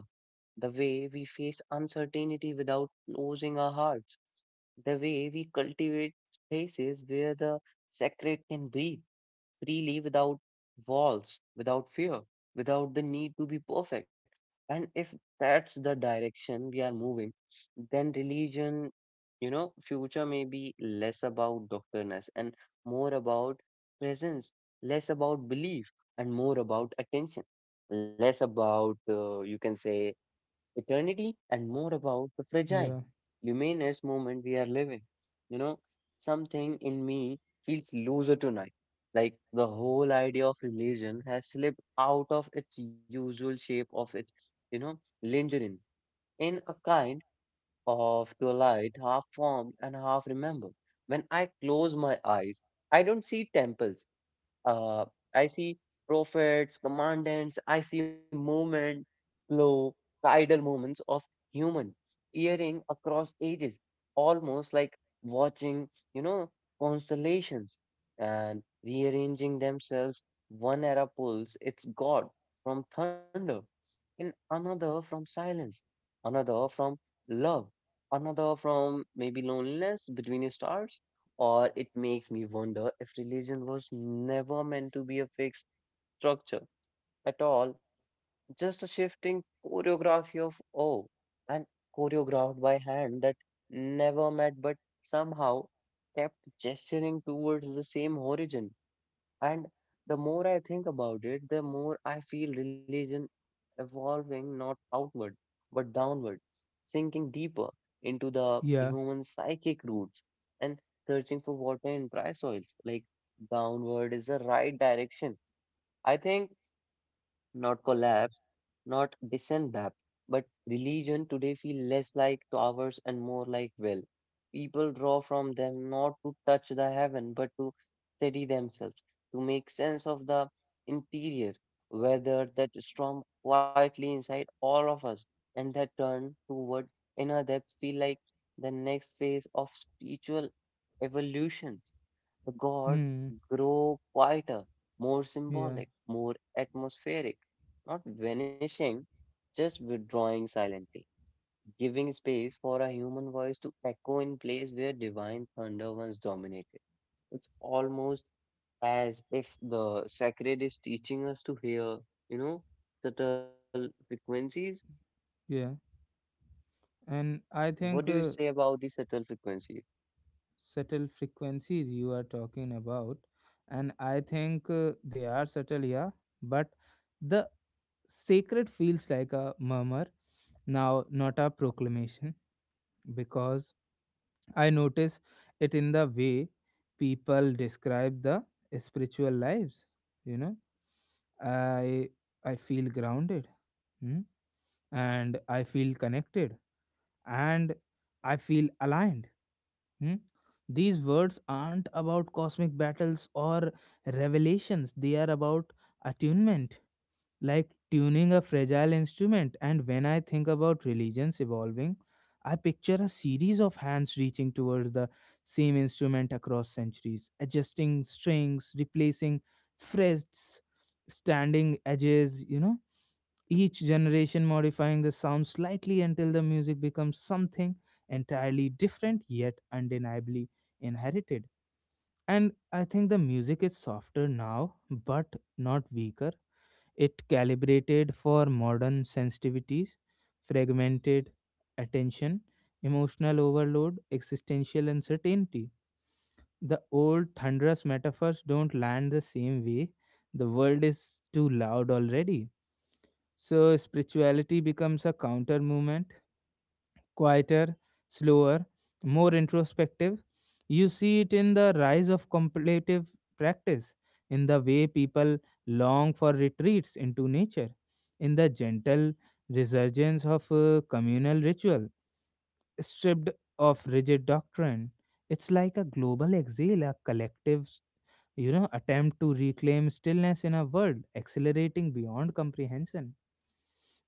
the way we face uncertainty without losing our hearts, the way we cultivate spaces where the sacred can breathe freely without walls, without fear, without the need to be perfect. And if that's the direction we are moving, then religion, you know, future may be less about doctrineness and more about presence, less about belief and more about attention, less about, you can say, eternity and more about the fragile, Yeah. luminous moment we are living. You know, something in me feels looser tonight. Like the whole idea of religion has slipped out of its usual shape of its, you know, lingering in a kind of twilight, half formed and half remembered. When I close my eyes, I don't see temples. Uh, I see prophets, commandants, I see movement, slow, tidal movements of human earring across ages, almost like watching, you know, constellations and rearranging themselves. One era pulls its God from thunder, and another from silence, another from love, another from maybe loneliness between stars, or it makes me wonder if religion was never meant to be a fixed structure at all, just a shifting choreography of oh, and choreographed by hand that never met but somehow kept gesturing towards the same origin. And the more I think about it, the more I feel religion evolving not outward, but downward, sinking deeper into the Yeah. human psychic roots and searching for water in dry soils. Like downward is the right direction. I think not collapse, not descend depth. But religion today feel less like towers and more like well. People draw from them not to touch the heaven, but to steady themselves, to make sense of the interior, whether that storm quietly inside all of us, and that turn toward inner depth feel like the next phase of spiritual evolution. The God Hmm. grow quieter, more Yeah. symbolic, more atmospheric, not vanishing, just withdrawing silently, giving space for a human voice to echo in place where divine thunder once dominated. It's almost as if the sacred is teaching us to hear, you know, subtle frequencies. Yeah, and I What do you think say about the subtle frequencies? subtle frequencies you are talking about, and I think they are subtle, yeah, but the sacred feels like a murmur now, not a proclamation, because I notice it in the way people describe the spiritual lives, you know. I I feel grounded, hmm, and I feel connected, and I feel aligned. Hmm? These words aren't about cosmic battles or revelations, they are about attunement, like tuning a fragile instrument. And when I think about religions evolving, I picture a series of hands reaching towards the same instrument across centuries, adjusting strings, replacing frets, standing edges, you know, each generation modifying the sound slightly until the music becomes something entirely different yet undeniably inherited. And I think the music is softer now, but not weaker. It calibrated for modern sensitivities, fragmented attention, emotional overload, existential uncertainty. The old thunderous metaphors don't land the same way. The world is too loud already. So spirituality becomes a counter movement, quieter, slower, more introspective. You see it in the rise of contemplative practice, in the way people long for retreats into nature, in the gentle resurgence of communal ritual, stripped of rigid doctrine. It's like a global exhale, a collective, you know, attempt to reclaim stillness in a world accelerating beyond comprehension.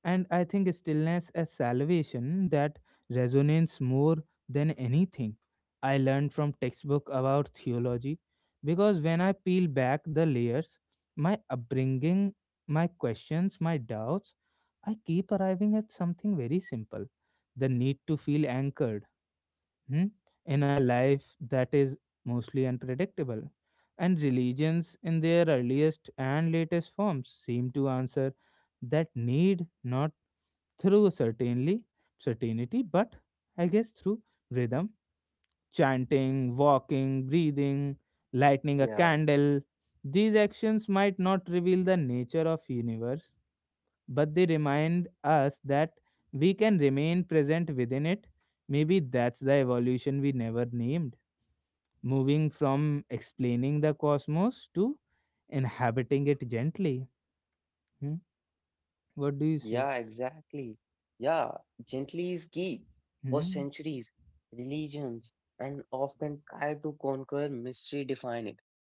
And I think stillness as salvation, that resonates more than anything I learned from textbook about theology, because when I peel back the layers, my upbringing, my questions, my doubts, I keep arriving at something very simple: the need to feel anchored, hmm, in a life that is mostly unpredictable. And religions, in their earliest and latest forms, seem to answer that need not through certainly certainty, but I guess through rhythm, chanting, walking, breathing, lighting a Yeah. candle. These actions might not reveal the nature of universe, but they remind us that we can remain present within it. Maybe that's the evolution we never named. Moving from explaining the cosmos to inhabiting it gently. Hmm? What do you Yeah, say? exactly. Yeah, gently is key. For Hmm? centuries, religions and often try to conquer mystery, define it,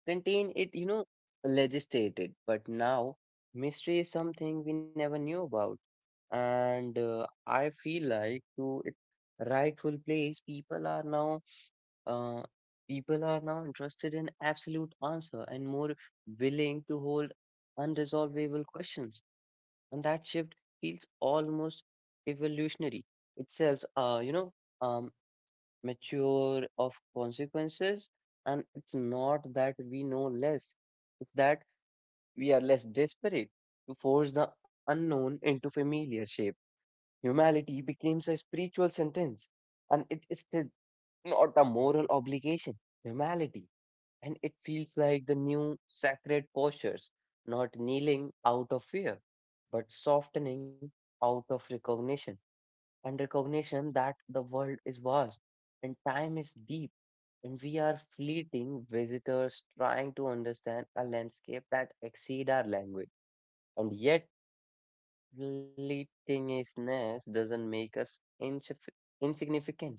contain it, legislate it. But now, mystery is something we never knew about. And I feel like to its rightful place, uh, people are now interested in absolute answer and more willing to hold unresolvable questions. And that shift feels almost evolutionary. It says, um, mature of consequences, and it's not that we know less, it's that we are less desperate to force the unknown into familiar shape. Humanity becomes a spiritual sentence, and it is still not a moral obligation, humility. And it feels like the new sacred postures, not kneeling out of fear, but softening out of recognition. And recognition that the world is vast and time is deep, and we are fleeting visitors trying to understand a landscape that exceed our language. And yet, fleetingness doesn't make us insignificant.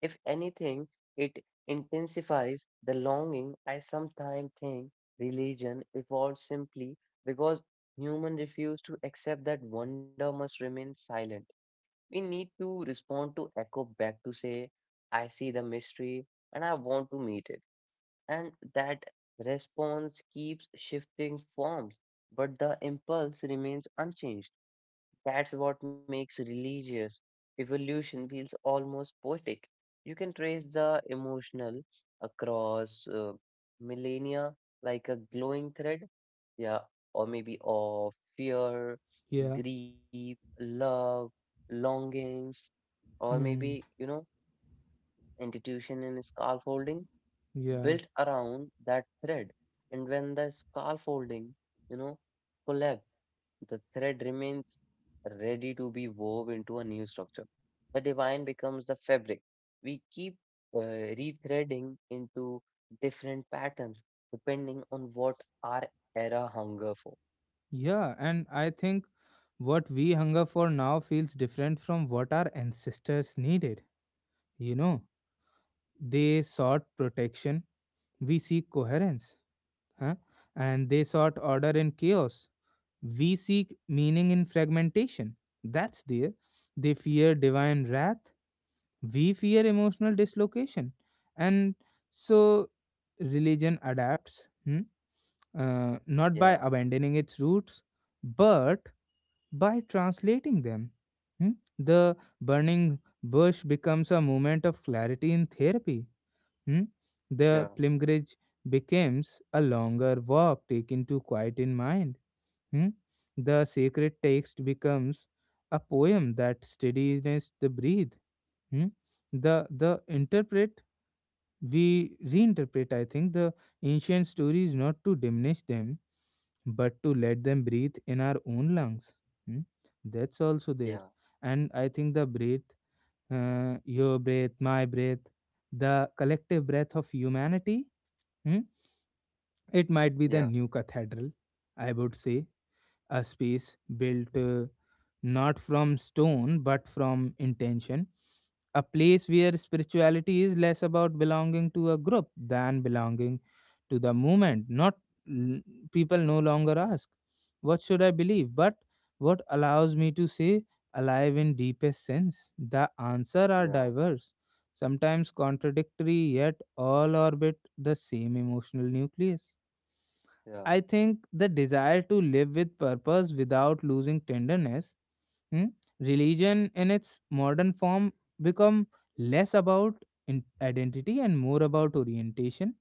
If anything, it intensifies the longing. I sometimes think religion evolved simply because humans refuse to accept that wonder must remain silent. We need to respond to echo back to say, I see the mystery and I want to meet it. And that response keeps shifting forms, but the impulse remains unchanged. That's what makes religious evolution feels almost poetic. You can trace the emotional across millennia like a glowing thread, yeah, or maybe of fear, Yeah. grief, love, longing, or maybe, Hmm. Institution and scaffolding Yeah. built around that thread. And when the scaffolding, you know, collapse the thread remains ready to be wove into a new structure. The divine becomes the fabric. We keep uh, rethreading into different patterns depending on what our era hunger for. Yeah. And I think what we hunger for now feels different from what our ancestors needed. You know, they sought protection, we seek coherence. Huh? And they sought order in chaos. We seek meaning in fragmentation. That's there. They fear divine wrath. We fear emotional dislocation. And so religion adapts, hmm, not by Yeah, abandoning its roots, but by translating them. Hmm. The burning bush becomes a moment of clarity in therapy. Hmm? yeah, The pilgrimage becomes a longer walk taken to quiet in mind. Hmm? The sacred text becomes a poem that steadies the breath. Hmm? The interpret We reinterpret, I think, the ancient stories not to diminish them, but to let them breathe in our own lungs. Hmm? That's also yeah, there. And I think the breath, your breath, my breath, the collective breath of humanity. Hmm? It might be the yeah, new cathedral, I would say, a space built, not from stone but from intention, a place where spirituality is less about belonging to a group than belonging to the movement. Not l- People no longer ask, "What should I believe?" but what allows me to say alive in deepest sense. The answer are yeah, diverse, sometimes contradictory, yet all orbit the same emotional nucleus. yeah. I think the desire to live with purpose without losing tenderness, hmm, religion in its modern form become less about identity and more about orientation,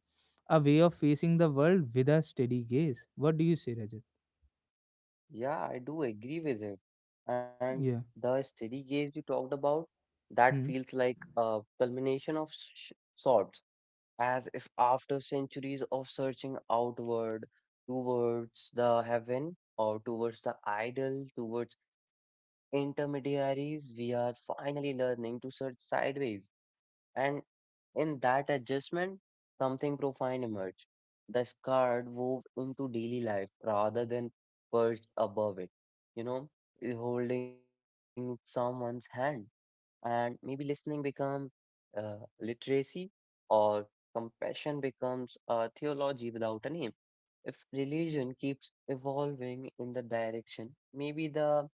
a way of facing the world with a steady gaze. What do you say, Rajat? Yeah, I do agree with it. And Yeah. the steady gaze you talked about, that Hmm. feels like a culmination of sorts. As if after centuries of searching outward towards the heaven or towards the idol, towards intermediaries, we are finally learning to search sideways. And in that adjustment, something profound emerged. The scar wove into daily life rather than perched above it, you know, holding someone's hand and maybe listening becomes uh, literacy or compassion becomes a theology without a name. If religion keeps evolving in the direction, maybe the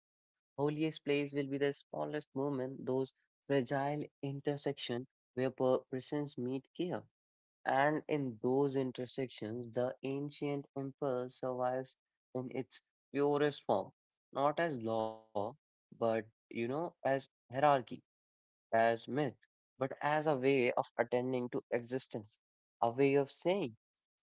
holiest place will be the smallest moment, those fragile intersection where persons meet care. And in those intersections, the ancient impulse survives in its purest form, not as law, but as hierarchy as myth, but as a way of attending to existence, a way of saying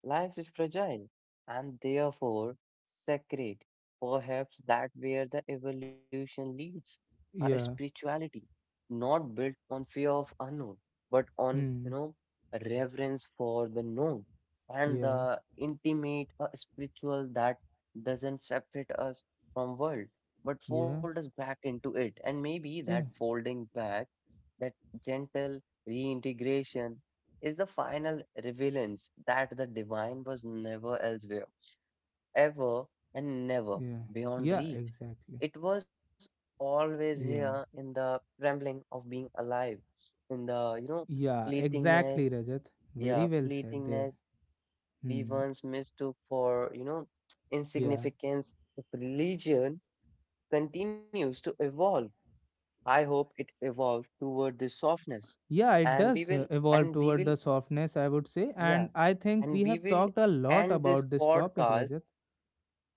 life is fragile and therefore sacred. Perhaps that where the evolution leads, a Yeah. spirituality not built on fear of unknown, but on Hmm. Reverence for the known and Yeah. the intimate a spiritual that doesn't separate us from world but fold Yeah. us back into it and maybe that Yeah. folding back that gentle reintegration is the final relevance that the divine was never elsewhere, ever and never Yeah. beyond Yeah. reach. Exactly. It was always here Yeah. in the trembling of being alive, in the Yeah. fleetingness, Exactly, Rajat. yeah, Very well said there. fleetingness we Hmm. once mistook for Yeah, insignificance. If religion continues to evolve I hope it evolves toward this softness. Yeah, it And we does will, evolve and we toward will, the softness, I would say. yeah, And I think and we we have will talked a lot end this about this topic, podcast. Rajat.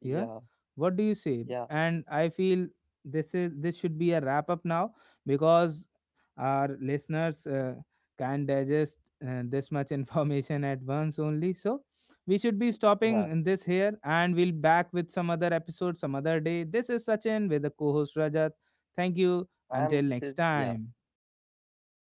Yeah. Yeah, What do you say? yeah, And I feel this is this should be a wrap up now, because our listeners can digest this much information at once only. So we should be yeah. stopping in this here, and we'll back with some other episode some other day. This is Sachin with the co-host Rajat. Thank you. And this Until is, next yeah. time. Bye.